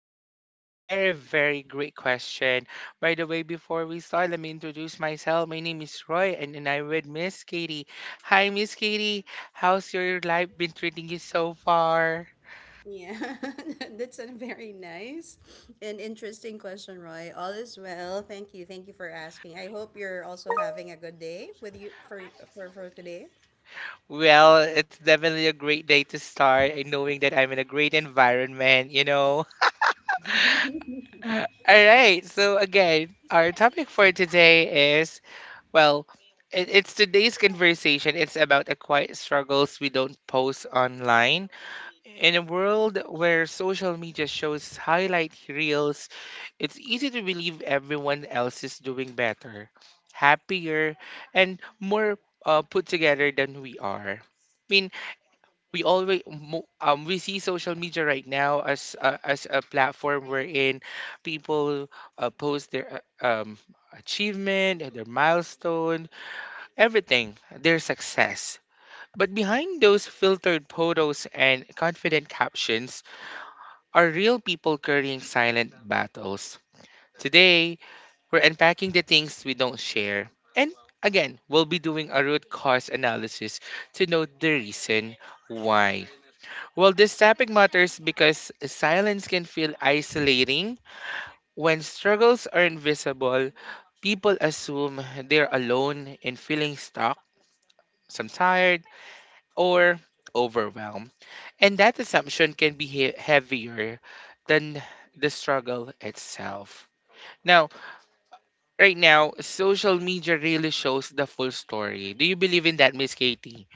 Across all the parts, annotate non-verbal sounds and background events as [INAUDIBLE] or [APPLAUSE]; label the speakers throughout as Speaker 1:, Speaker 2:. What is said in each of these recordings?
Speaker 1: know, a very great question. By the way, before we start, let me introduce myself. My name is Roy, and I'm with Miss Katie. Hi, Miss Katie. How's your life been treating you so far?
Speaker 2: Yeah, [LAUGHS] that's a very nice and interesting question, Roy. All is well. Thank you. Thank you for asking. I hope you're also having a good day with you for today.
Speaker 1: Well, it's definitely a great day to start, and knowing that I'm in a great environment. [LAUGHS] All right. So again, our topic for today is Well, it's today's conversation. It's about the quiet struggles we don't post online. In a world where social media shows highlight reels, it's easy to believe everyone else is doing better, happier, and more put together than we are. I mean, we always we see social media right now as a platform wherein people post their achievement, their milestones everything, their success. But behind those filtered photos and confident captions are real people carrying silent battles. Today, we're unpacking the things we don't share. And again, we'll be doing a root cause analysis to know the reason why. Well, this topic matters because silence can feel isolating. When struggles are invisible, people assume they're alone in feeling stuck, some tired, or overwhelm. And that assumption can be heavier than the struggle itself. Now, right now, social media really shows the full story. Do you believe in that, Miss Katie?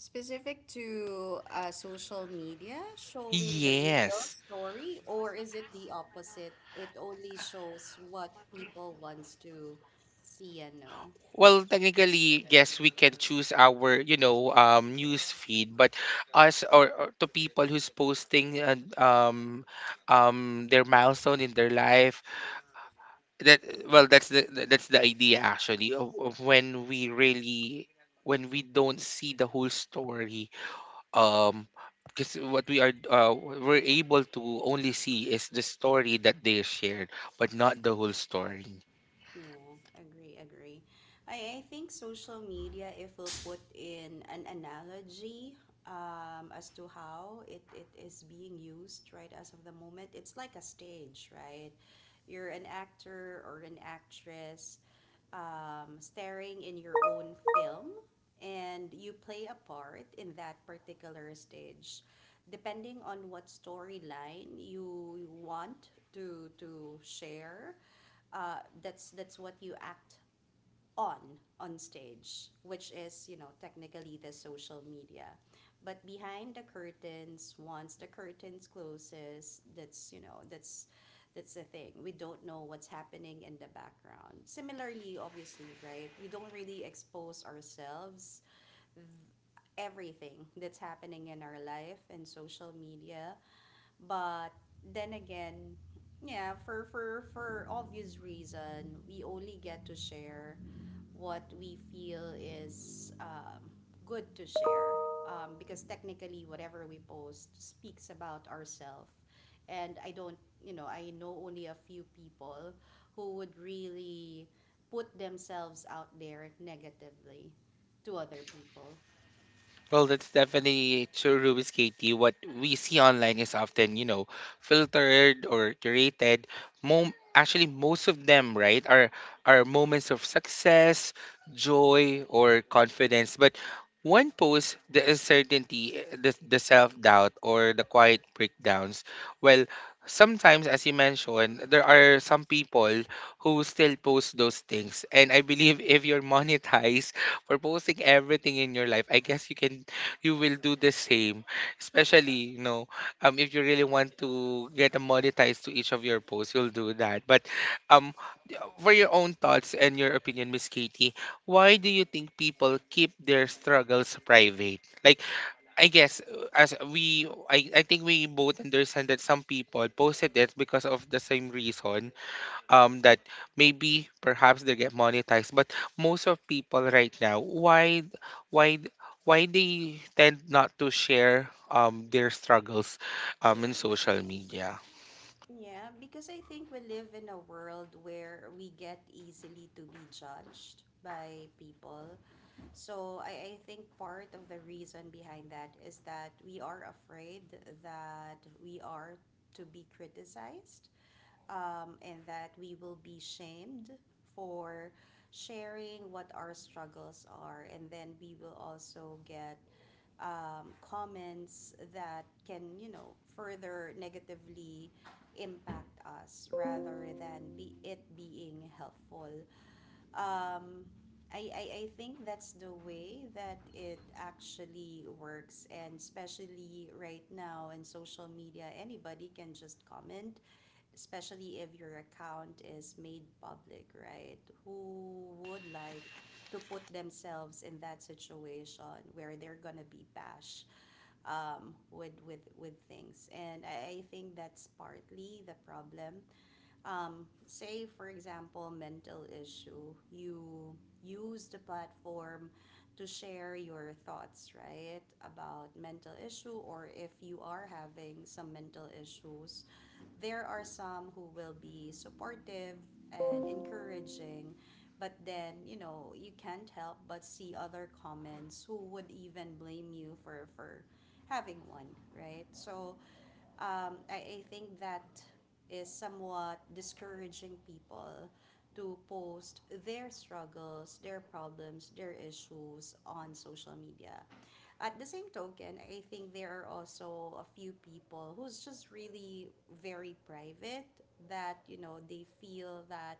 Speaker 2: Specific to social media, showing the real
Speaker 1: Yes.
Speaker 2: story, or is it the opposite? It only shows what people wants to see and know.
Speaker 1: Well, technically, yes, we can choose our news feed, but us or to people who's posting their milestone in their life, that well that's that's the idea actually of when we really when we don't see the whole story um because what we are we're able to only see is the story that they shared but not the whole story.
Speaker 2: Yeah, agree, agree. I think social media, if we'll put in an analogy as to how it is being used right as of the moment, it's like a stage, right? You're an actor or an actress starring in your own film, and you play a part in that particular stage. Depending on what storyline you want to share, that's what you act on on stage, which is, you know, technically the social media. But behind the curtains, once the curtains closes, that's the thing. We don't know what's happening in the background. Similarly, obviously, right, we don't really expose ourselves everything that's happening in our life and social media. But then again, yeah, for obvious reason, we only get to share what we feel is good to share, because technically whatever we post speaks about ourselves. And I don't you know, I know only a few people who would really put themselves out there negatively to other people.
Speaker 1: Well, that's definitely true, Ruby Katie. What we see online is often filtered or curated. Actually, most of them, right, are moments of success, joy, or confidence. But one post, the uncertainty, the self-doubt, or the quiet breakdowns. Well, sometimes, as you mentioned, there are some people who still post those things. And I believe if you're monetized for posting everything in your life. I guess you can you will do the same. Especially, you know, if you really want to get a monetized to each of your posts, you'll do that. But um for your own thoughts and your opinion, Miss Katie, why do you think people keep their struggles private? Like I guess as we I think we both understand that some people posted it because of the same reason that maybe perhaps they get monetized. But most of people right now, why why they tend not to share their struggles in social media?
Speaker 2: Yeah, because I think we live in a world where we get easily to be judged by people. So I think part of the reason behind that is that we are afraid that we are to be criticized, and that we will be shamed for sharing what our struggles are. And then we will also get comments that can, you know, further negatively impact us rather than be it being helpful. Um, I, I, I think that's the way that it actually works. And especially right now in social media, anybody can just comment, especially if your account is made public, right? Who would like to put themselves in that situation where they're going to be bashed with things? And I think that's partly the problem. Say, for example, mental issue, you use the platform to share your thoughts, right, about mental issue, or if you are having some mental issues, there are some who will be supportive and encouraging. But then, you know, you can't help but see other comments who would even blame you for having one, right? So, I think that is somewhat discouraging people to post their struggles, their problems, their issues on social media. At the same token, I think there are also a few people who's just really very private, that, you know, they feel that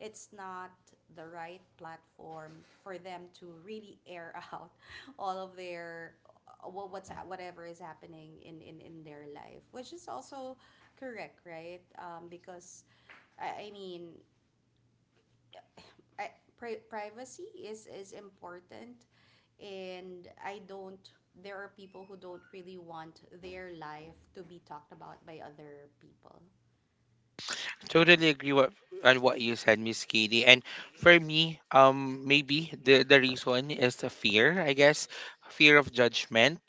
Speaker 2: it's not the right platform for them to really air out [LAUGHS] all of their whatever is happening in their life, which is also correct, right? Because I mean, I, privacy is important. And I don't There are people who don't really want their life to be talked about by other people,
Speaker 1: Totally agree what on what you said, Miss Katie. And for me, maybe the reason is the fear, I guess, fear of judgment.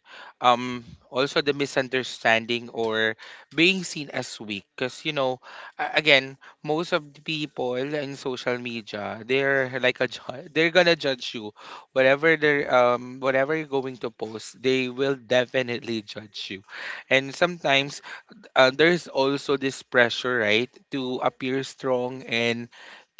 Speaker 1: Um, also the misunderstanding or being seen as weak. Cause you know, again, most of the people in social media, they're like they're gonna judge you, whatever they're whatever you're going to post, they will definitely judge you, and sometimes there's also this pressure, right, to appear strong and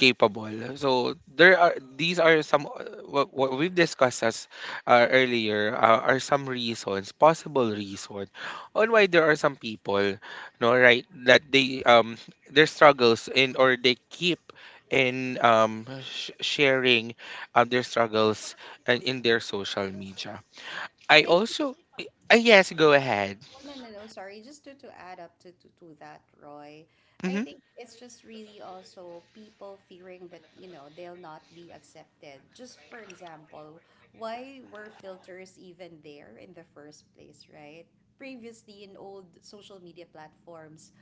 Speaker 1: capable. So there are these are some what we've discussed as earlier are some reasons, possible reason, on why there are some people, no, right, that they their struggles in or they keep in sharing their struggles and in their social media.
Speaker 2: right?
Speaker 1: I
Speaker 2: And I
Speaker 1: also yes, go ahead.
Speaker 2: No, no, no, sorry. Just to add up to that, Roy, I
Speaker 1: Hmm.
Speaker 2: think it's just really also people fearing that, you know, they'll not be accepted. Just for example, why were filters even there in the first place, right? Previously, in old social media platforms,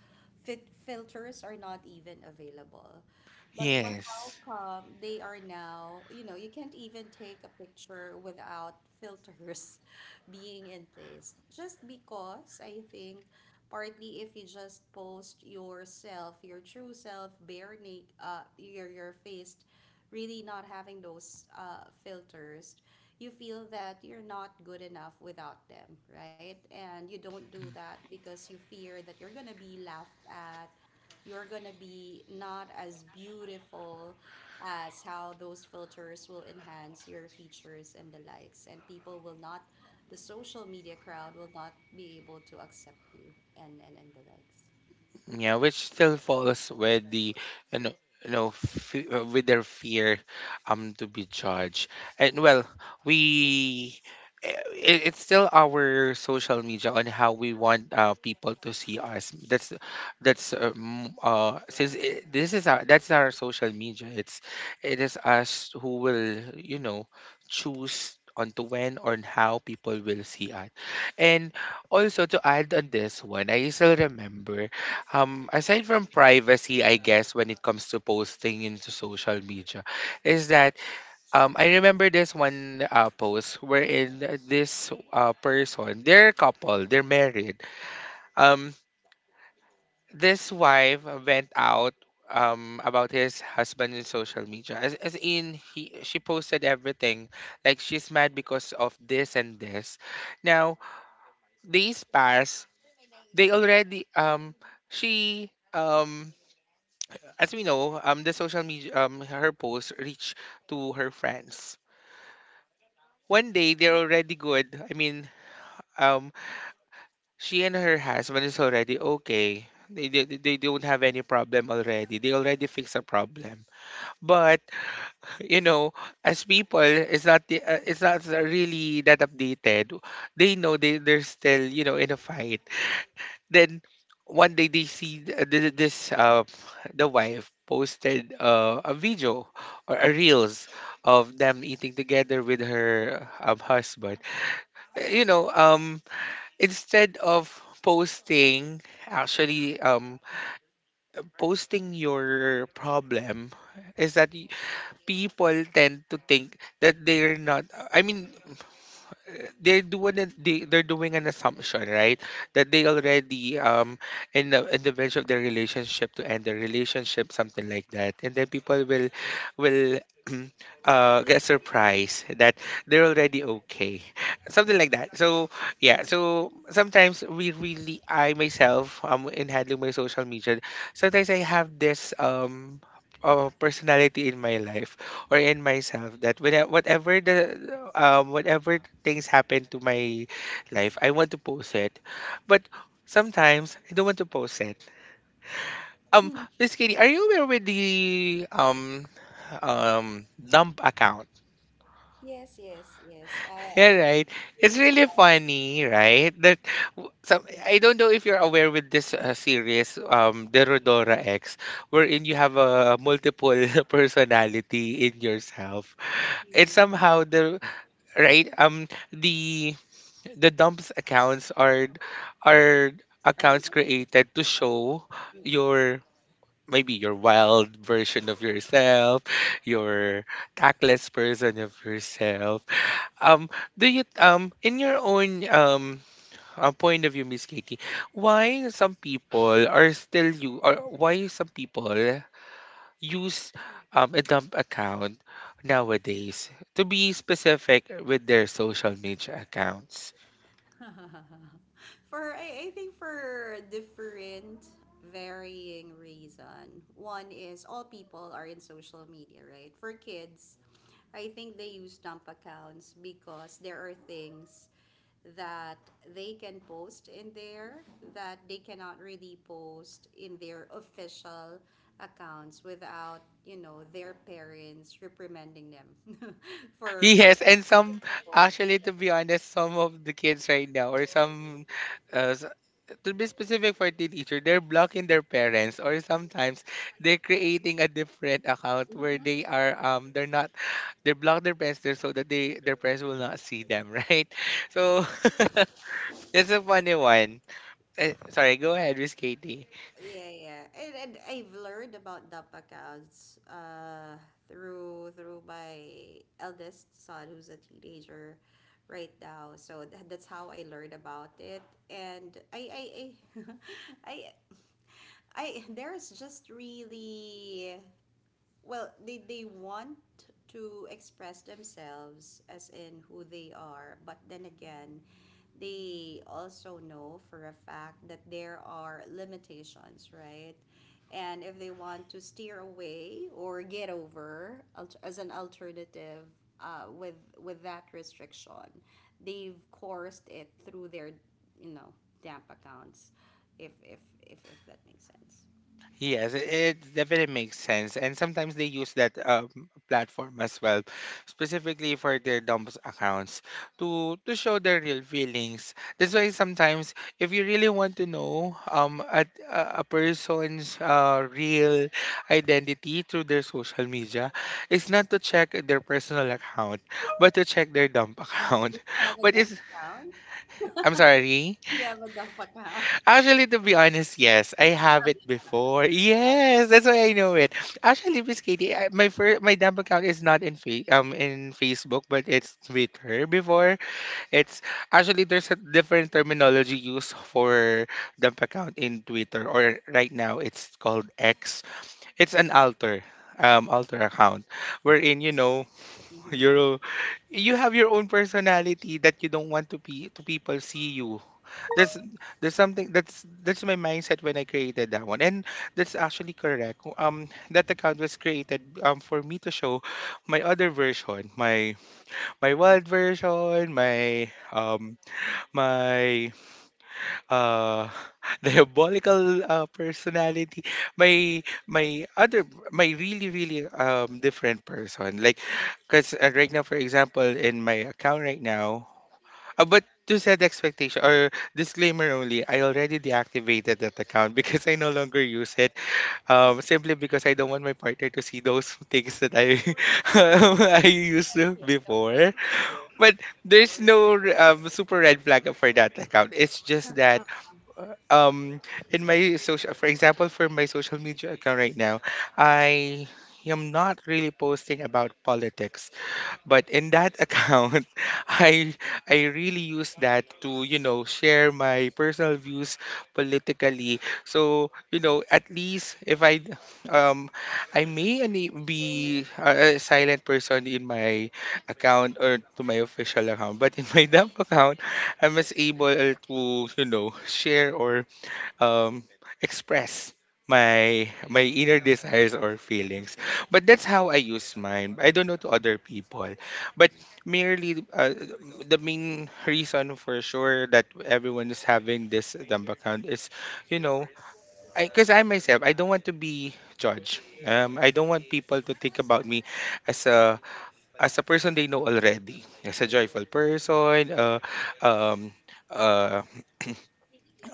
Speaker 2: fit filters are not even available. But how
Speaker 1: Yes.
Speaker 2: come they are now? You know, you can't even take a picture without filters [LAUGHS] being in place. Just because, I think, partly, if you just post yourself, your true self, bare naked, your face, really not having those filters, you feel that you're not good enough without them, right? And you don't do that because you fear that you're gonna be laughed at, you're gonna be not as beautiful as how those filters will enhance your features and the likes, and people will not, the social media crowd will not be able to accept you, and the likes.
Speaker 1: Yeah, which still falls with the you know, you know with their fear to be judged. And well, we it's still our social media on how we want people to see us. That's since it, this is our that's our social media. It's it is us who will you know choose on to when or on how people will see us. And also to add on this one, I still remember aside from privacy, I guess when it comes to posting into social media, is that I remember this one post wherein this person, they're a couple, they're married. Um, this wife went out about his husband in social media, as in he she posted everything, like she's mad because of this and this. Now days pass, they already she As we know, the social media, her post reached to her friends. One day, they're already good. I mean, um, she and her husband is already okay. They don't have any problem already. They already fix a problem. But you know, as people, it's not it's not really that updated. They know they're still you know in a fight. Then one day they see this the wife posted a video or a reels of them eating together with her husband. You know, instead of posting, actually, posting your problem is that people tend to think that they're not. I mean, they're doing it, they're doing an assumption right that they already in the verge of their relationship to end their relationship something like that and then people will [CLEARS THROAT] get surprised that they're already okay something like that so yeah so sometimes we really I myself in handling my social media sometimes I have this personality in my life or in myself that when I, whatever the whatever things happen to my life, I want to post it. But sometimes I don't want to post it. Um,
Speaker 2: Mm.
Speaker 1: Miss Kitty, are you aware with the dump account? [LAUGHS]
Speaker 2: [LAUGHS] Yes, yes, yes I
Speaker 1: Yeah, right. It's
Speaker 2: think
Speaker 1: really funny, right? That some
Speaker 2: Mhm,
Speaker 1: I don't know if you're aware with this series, Derodora X, wherein you have a multiple [LAUGHS] personality in yourself. It's
Speaker 2: mhm,
Speaker 1: somehow the right? The dumps accounts are
Speaker 2: are
Speaker 1: accounts
Speaker 2: meant to-
Speaker 1: created to show
Speaker 2: mhm.
Speaker 1: your maybe your wild version of yourself, your tactless person of yourself. Um, do you in your own point of view, Miss Katie, why some people are still you or why some people use a dump account nowadays to be specific with their social media accounts.
Speaker 2: [LAUGHS] For, I think, for different varying reason. One is all people are in social media, right? For kids, I think they use dump accounts because there are things that they can post in there that they cannot really post in their official accounts without, you know, their parents reprimanding them [LAUGHS] for
Speaker 1: Yes,
Speaker 2: what
Speaker 1: and some
Speaker 2: post.
Speaker 1: actually, to be honest, some of the kids right now, or some uh, s- to be specific for teenager, they're blocking their parents, or sometimes they're creating a different account where
Speaker 2: Mhm.
Speaker 1: they are they're not they block their parents there so that they their parents will not see them, [LAUGHS] right? So [LAUGHS] that's a funny one. Eh, sorry, go ahead, Miss Katie.
Speaker 2: Yeah, yeah. And I've learned about the accounts through my eldest son who's a teenager right now. So that's how I learned about it. And I [LAUGHS] I, I, there's just really, well, they want to express themselves as in who they are, but then again, they also know for a fact that there are limitations, right? And if they want to steer away or get over as an alternative uh, with with that restriction, they've coursed it through their, you know, damp accounts, if that makes sense.
Speaker 1: Yes, it definitely makes sense. And sometimes they use that platform as well, specifically for their dump accounts to show their real feelings. That's why sometimes if you really want to know a person's real identity through their social media, it's not to check their personal account, but to check their dump
Speaker 2: Do
Speaker 1: account.
Speaker 2: you have
Speaker 1: [LAUGHS]
Speaker 2: a
Speaker 1: But it's
Speaker 2: dump account?
Speaker 1: I'm sorry.
Speaker 2: Yeah, magkapakao.
Speaker 1: Actually, to be honest, yes, I have it before. Yes, that's why I know it. Actually, Miss Katie, I, my dump account is not in in Facebook, but it's Twitter before. It's actually there's a different terminology used for dump account in Twitter, or right now it's called X. It's an alter, alter account, wherein you know [LAUGHS]
Speaker 2: Mhm.
Speaker 1: you're you have your own personality that you don't want to be to people see you that's there's something that's my mindset when I created that one, and that's actually correct. That account was created for me to show my other version, my wild version, my my uh [LAUGHS] diabolical personality, my my other my really different person. Like, cause right now, for example, in my account right now, but to set expectation or disclaimer only, I already deactivated that account [LAUGHS] because I no longer use it. Simply because I don't want my partner to see those [LAUGHS] things that I
Speaker 2: Yeah,
Speaker 1: [LAUGHS] I used to
Speaker 2: yeah, no judgment
Speaker 1: before.
Speaker 2: here.
Speaker 1: But there's no super red flag for that account. It's just that um in my social, for example, for my social media account right now, I am not really posting about politics but in that account, [LAUGHS] I I really use that to, you know, share my personal views politically. So, you know, at least if I um I may be a silent person in my account or to my official account, but in my [LAUGHS] dump account, I was able to, you know, share or um, express my inner desires or feelings. But that's how I use mine. I don't know to other people, but merely the main reason for sure that everyone is having this dump account is, you know, because 'cause I myself I don't want to be judged. I don't want people to think about me as a as a person they know already, as a joyful person, um, uh, [CLEARS THROAT]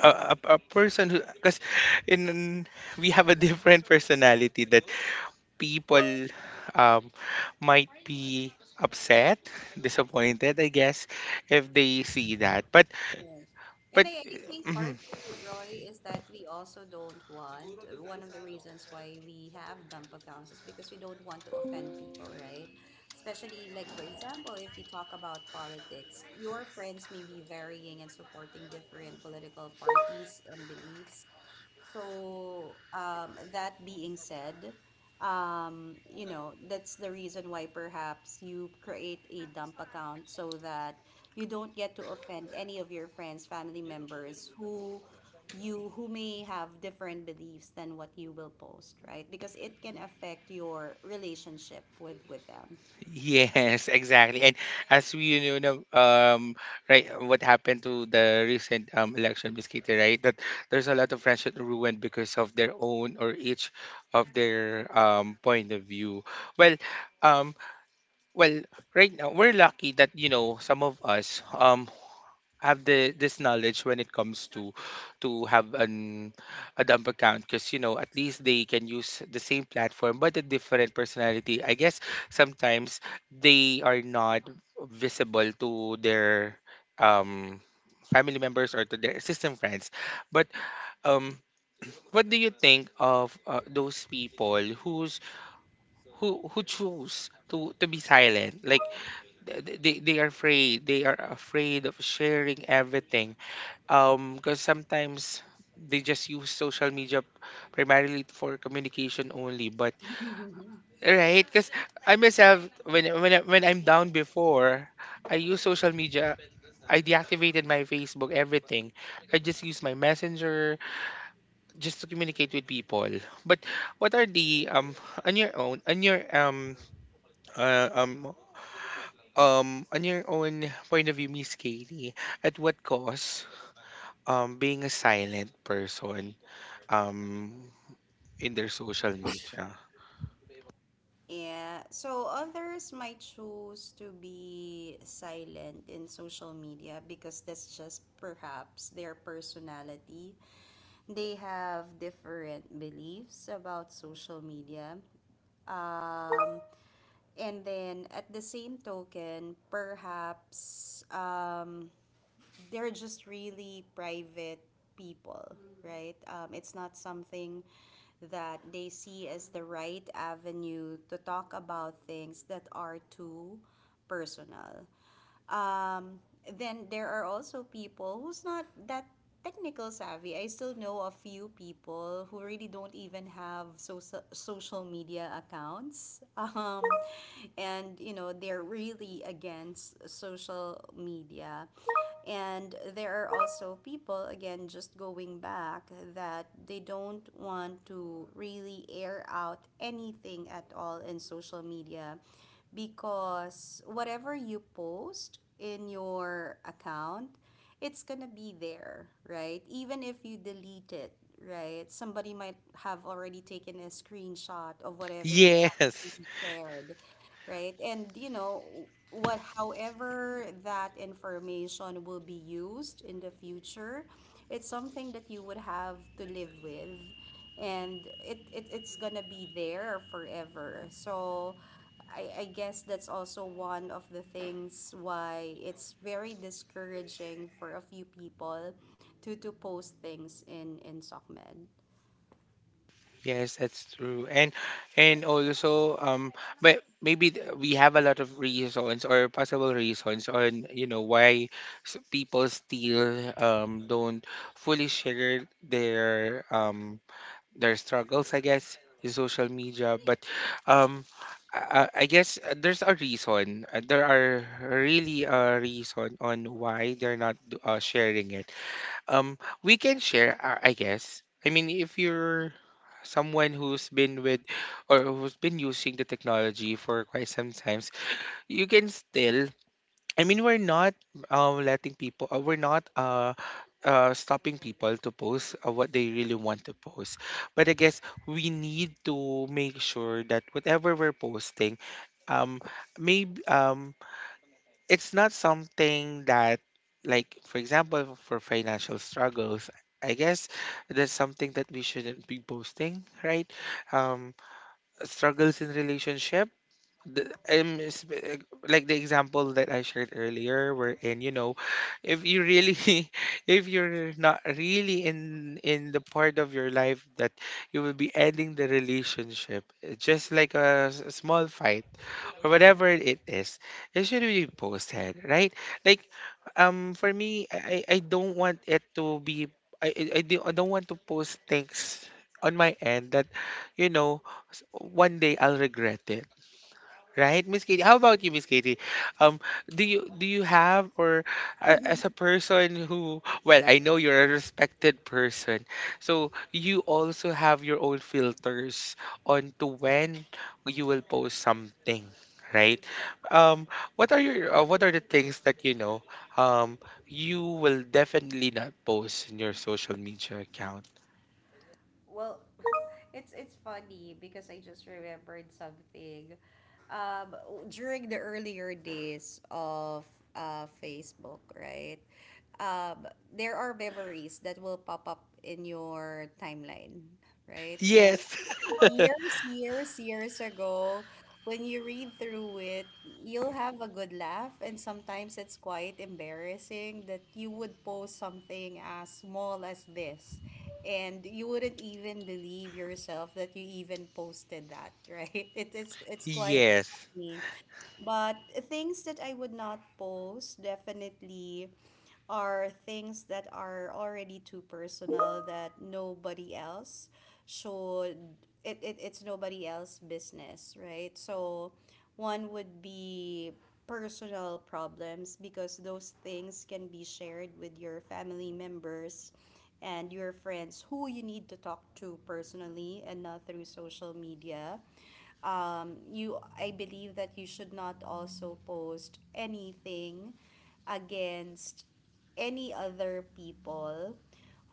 Speaker 1: a person who because in we have a different [LAUGHS] personality that people um might be upset, disappointed, I guess, if they see that
Speaker 2: Okay. And
Speaker 1: but
Speaker 2: I think
Speaker 1: mhm,
Speaker 2: partly, Roy, is that we also don't want, one of the reasons why we have dump accounts is because we don't want to offend people, right? Especially, like, for example, if we talk about politics, your friends may be varying and supporting different political parties and beliefs. So, that being said, you know, that's the reason why perhaps you create a dump account so that you don't get to offend any of your friends, family members, who you who may have different beliefs than what you will post, right? Because it can affect your relationship with them.
Speaker 1: yes, [LAUGHS] exactly. And as we, you know, right, what happened to the recent election biscuit, right? That there's a lot of friendship ruined because of their own or each of their point of view. Well um Well, right now we're lucky that, you know, some of us have the this knowledge when it comes to have an a dump account, because, you know, at least they can use the same platform but a different personality. I guess sometimes they are not visible to their um family members or to their system friends. But um what do you think of those people who's who choose to be silent? Like they are afraid of sharing everything, because sometimes they just use social media primarily for communication only. But right, because I myself when I'm down before, I use social media, I deactivated my Facebook, everything. I just use my Messenger just to communicate with people. But what are the on your own on your um uh, um on your own point of view, Miss Katie, at what cost being a silent person um in their social media?
Speaker 2: Yeah, so others might choose to be silent in social media because that's just perhaps their personality. They have different beliefs about social media. Um, and then, at the same token, perhaps, they're just really private people, right? It's not something that they see as the right avenue to talk about things that are too personal. Um, then there are also people who's not that technical savvy. I still know a few people who really don't even have social media accounts. [LAUGHS] And you know, they're really against social media. And there are also people, again, just going back, that they don't want to really air out anything at all in social media, because whatever you post in your account, it's gonna be there, right? Even if you delete it, right? Somebody might have already taken a screenshot of whatever you
Speaker 1: Yes,
Speaker 2: already shared, right? And you know, what, however that information will be used in the future, it's something that you would have to live with. And it's gonna be there forever. So I guess that's also one of the things why it's very discouraging for a few people to post things in SOCMED.
Speaker 1: yes, that's true. And also, but maybe we have a lot of reasons or possible reasons on, you know, why people still don't fully share their struggles, I guess, in social media. But um, I guess there's a reason. There are really a reason on why they're not sharing it. We can share, I guess. I mean, if you're someone who's been with or who's been using the technology for quite some times, you can still, I mean, we're not letting people, we're not stopping people to post what they really want to post. But I guess we need to make sure that whatever we're posting, um, maybe it's not something that, like, for example, for financial struggles, I guess that's something that we shouldn't be posting, right? Um, struggles in relationship, the, um, sp- uh, like the example that I shared earlier, wherein, you know, if you really, [LAUGHS] if you're not really in the part of your life that you will be ending the relationship, just like a small fight or whatever it is, it should be posted, right? Like, for me, I don't want it to be. I don't want to post things on my end that, you know, one day I'll regret it. Right, Miss Katie? How about you, Miss Katie? Um, do you have? Or as a person who, well, I know you're a respected person, so you also have your own filters on to when you will post something, right? Um, what are your what are the things that, you know, um you will definitely not post in your social media account?
Speaker 2: Well, [LAUGHS] it's funny because I just remembered something, um during the earlier days of Facebook, right? um there are memories that will pop up in your timeline, right? And
Speaker 1: Yes. [LAUGHS]
Speaker 2: years, years, years ago, when you read through it, you'll have a good laugh, and sometimes it's quite embarrassing that you would post something as small as this, and you wouldn't even believe yourself that you even posted that, [LAUGHS] right? It's quite
Speaker 1: Yes.
Speaker 2: funny. But things that I would not post definitely are things that are already too personal that nobody else should, it's nobody else business, right? So one would be personal problems, because those things can be shared with your family members and your friends who you need to talk to personally and not through social media. You, I believe that you should not also post anything against any other people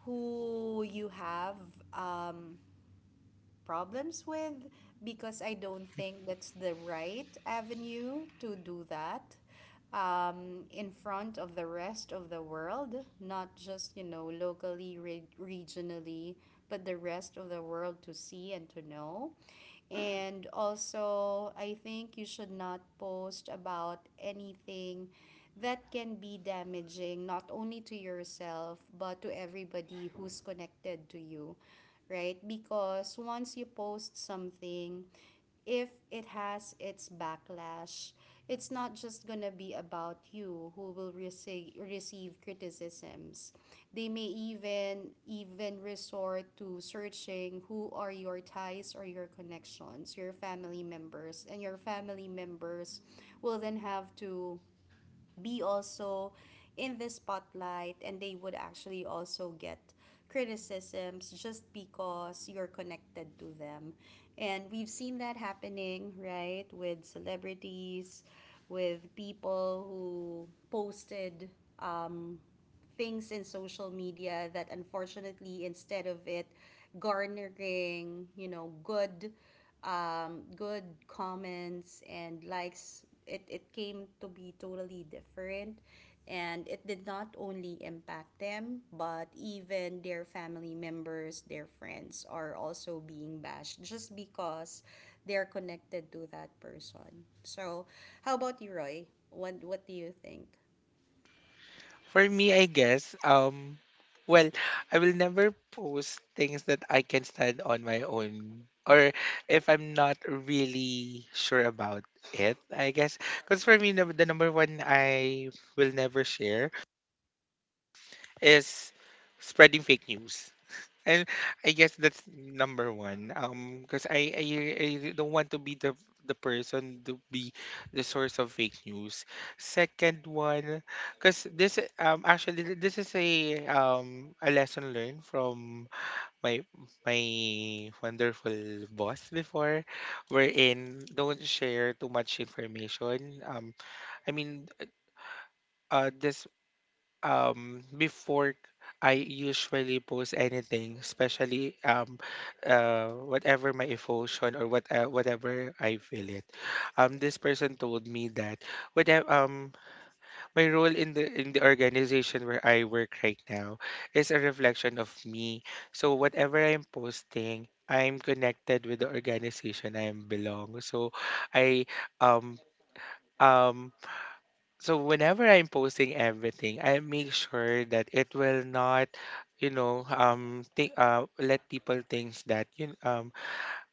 Speaker 2: who you have um, problems with, because I don't think that's the right avenue to do that in front of the rest of the world, not just, you know, locally, regionally, but the rest of the world to see and to know. And also, I think you should not post about anything that can be damaging not only to yourself but to everybody who's connected to you, right? Because once you post something, if it has its backlash, it's not just gonna be about you who will receive criticisms. They may even resort to searching who are your ties or your connections, your family members, and your family members will then have to be also in the spotlight, and they would actually also get criticisms just because you're connected to them. And we've seen that happening, right, with celebrities, with people who posted um, things in social media that, unfortunately, instead of it garnering, you know, good, good comments and likes, it came to be totally different. And it did not only impact them, but even their family members, their friends are also being bashed just because they're connected to that person. So how about you, Roy? What do you think?
Speaker 1: For me, I guess, well, I will never post things that I can stand on my own. Or if I'm not really sure about it, I guess. Because for me, the number one I will never share is spreading fake news. And I guess that's number one. Because I don't want to be the person to be the source of fake news. Second one, because this actually this is a lesson learned from my my wonderful boss before, wherein don't share too much information. I mean, this before I usually post anything, especially whatever my emotion or whatever I feel it. Um, this person told me that whatever my role in the organization where I work right now is a reflection of me. So whatever I'm posting, I'm connected with the organization I belong. So I um um so whenever I'm posting everything, I make sure that it will not, you know, let people think that you, um,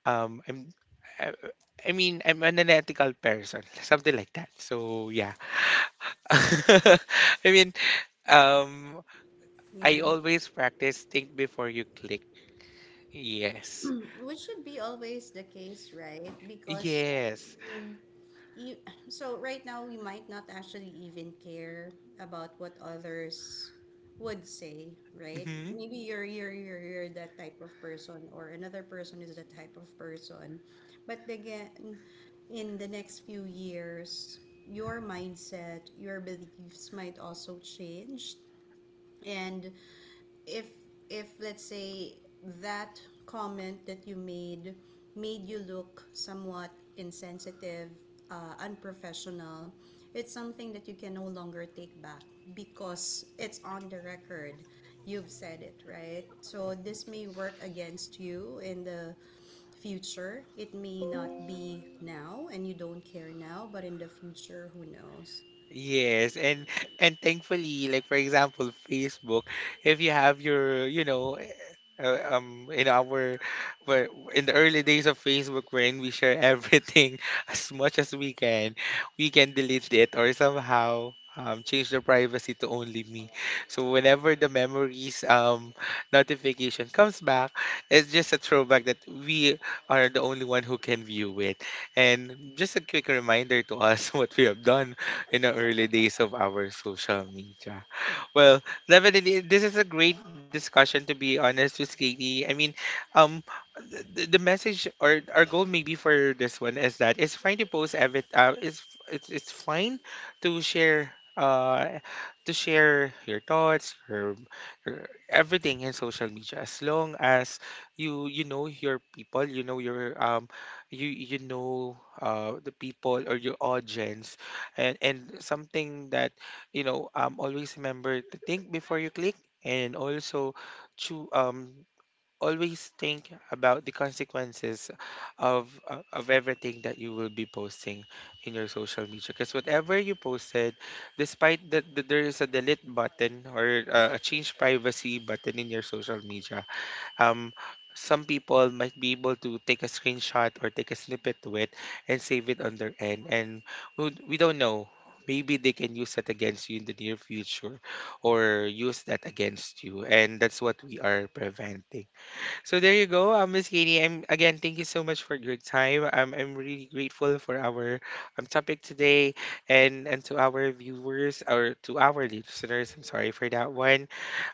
Speaker 1: um, I'm, I, I mean, I'm an unethical person, [LAUGHS] something like that. So yeah, [LAUGHS] I mean, um, I
Speaker 2: Yeah.
Speaker 1: always practice think before you click. Yes,
Speaker 2: Mm. Which should be always the case, right? Because I
Speaker 1: yes.
Speaker 2: mean, you [CLEARS THROAT] so right now, we might not actually even care about what others would say, right?
Speaker 1: Mm-hmm.
Speaker 2: Maybe you're that type of person, or another person is that type of person. But again, in the next few years, your mindset, your beliefs might also change. And if if let's say that comment that you made made you look somewhat insensitive, unprofessional, it's something that you can no longer take back because it's on the record. You've said it, right? So this may work against you in the future. It may not be now and you don't care now, but in the future, who knows?
Speaker 1: Yes, and thankfully, like for example, Facebook, if you have your, you know, in our, where in the early days of Facebook, wherein we share everything [LAUGHS] as much as we can delete it or somehow change the privacy to only me. So whenever the memories notification comes back, it's just a throwback that we are the only one who can view it. And just a quick reminder to us [LAUGHS] what we have done [LAUGHS] in the early days of our social media. Well, definitely, this is a great discussion, to be honest with Katie. I mean, um, the message or our goal maybe for this one is that it's fine to post every it's fine to share uh to share your thoughts, your everything in social media as long as you know your people, you know your you you know the people or your audience. And something that, you know, always remember to think before you click. And also to always think about the consequences of everything that you will be posting in your social media, because whatever you posted, despite that there is a delete button or a change privacy button in your social media, um, some people might be able to take a screenshot or take a snippet to it and save it on their end. And we don't know. Maybe they can use that against you in the near future or use that against you. And that's what we are preventing. So there you go, Miss Katie. I'm, again, thank you so much for your time. I'm really grateful for our, topic today. And to our viewers or to our listeners, I'm sorry for that one.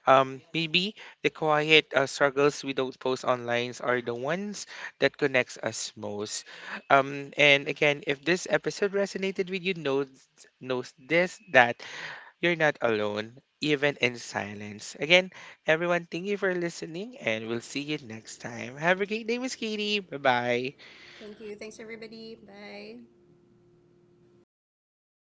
Speaker 1: Maybe the quiet, struggles we don't post online are the ones that connects us most. And again, if this episode resonated with you, knows, knows this, that you're not alone, even in silence. Again, everyone, thank you for listening, and we'll see you next time. Have a great day, Miss Katie. Bye bye.
Speaker 2: Thank you. Thanks, everybody. Bye.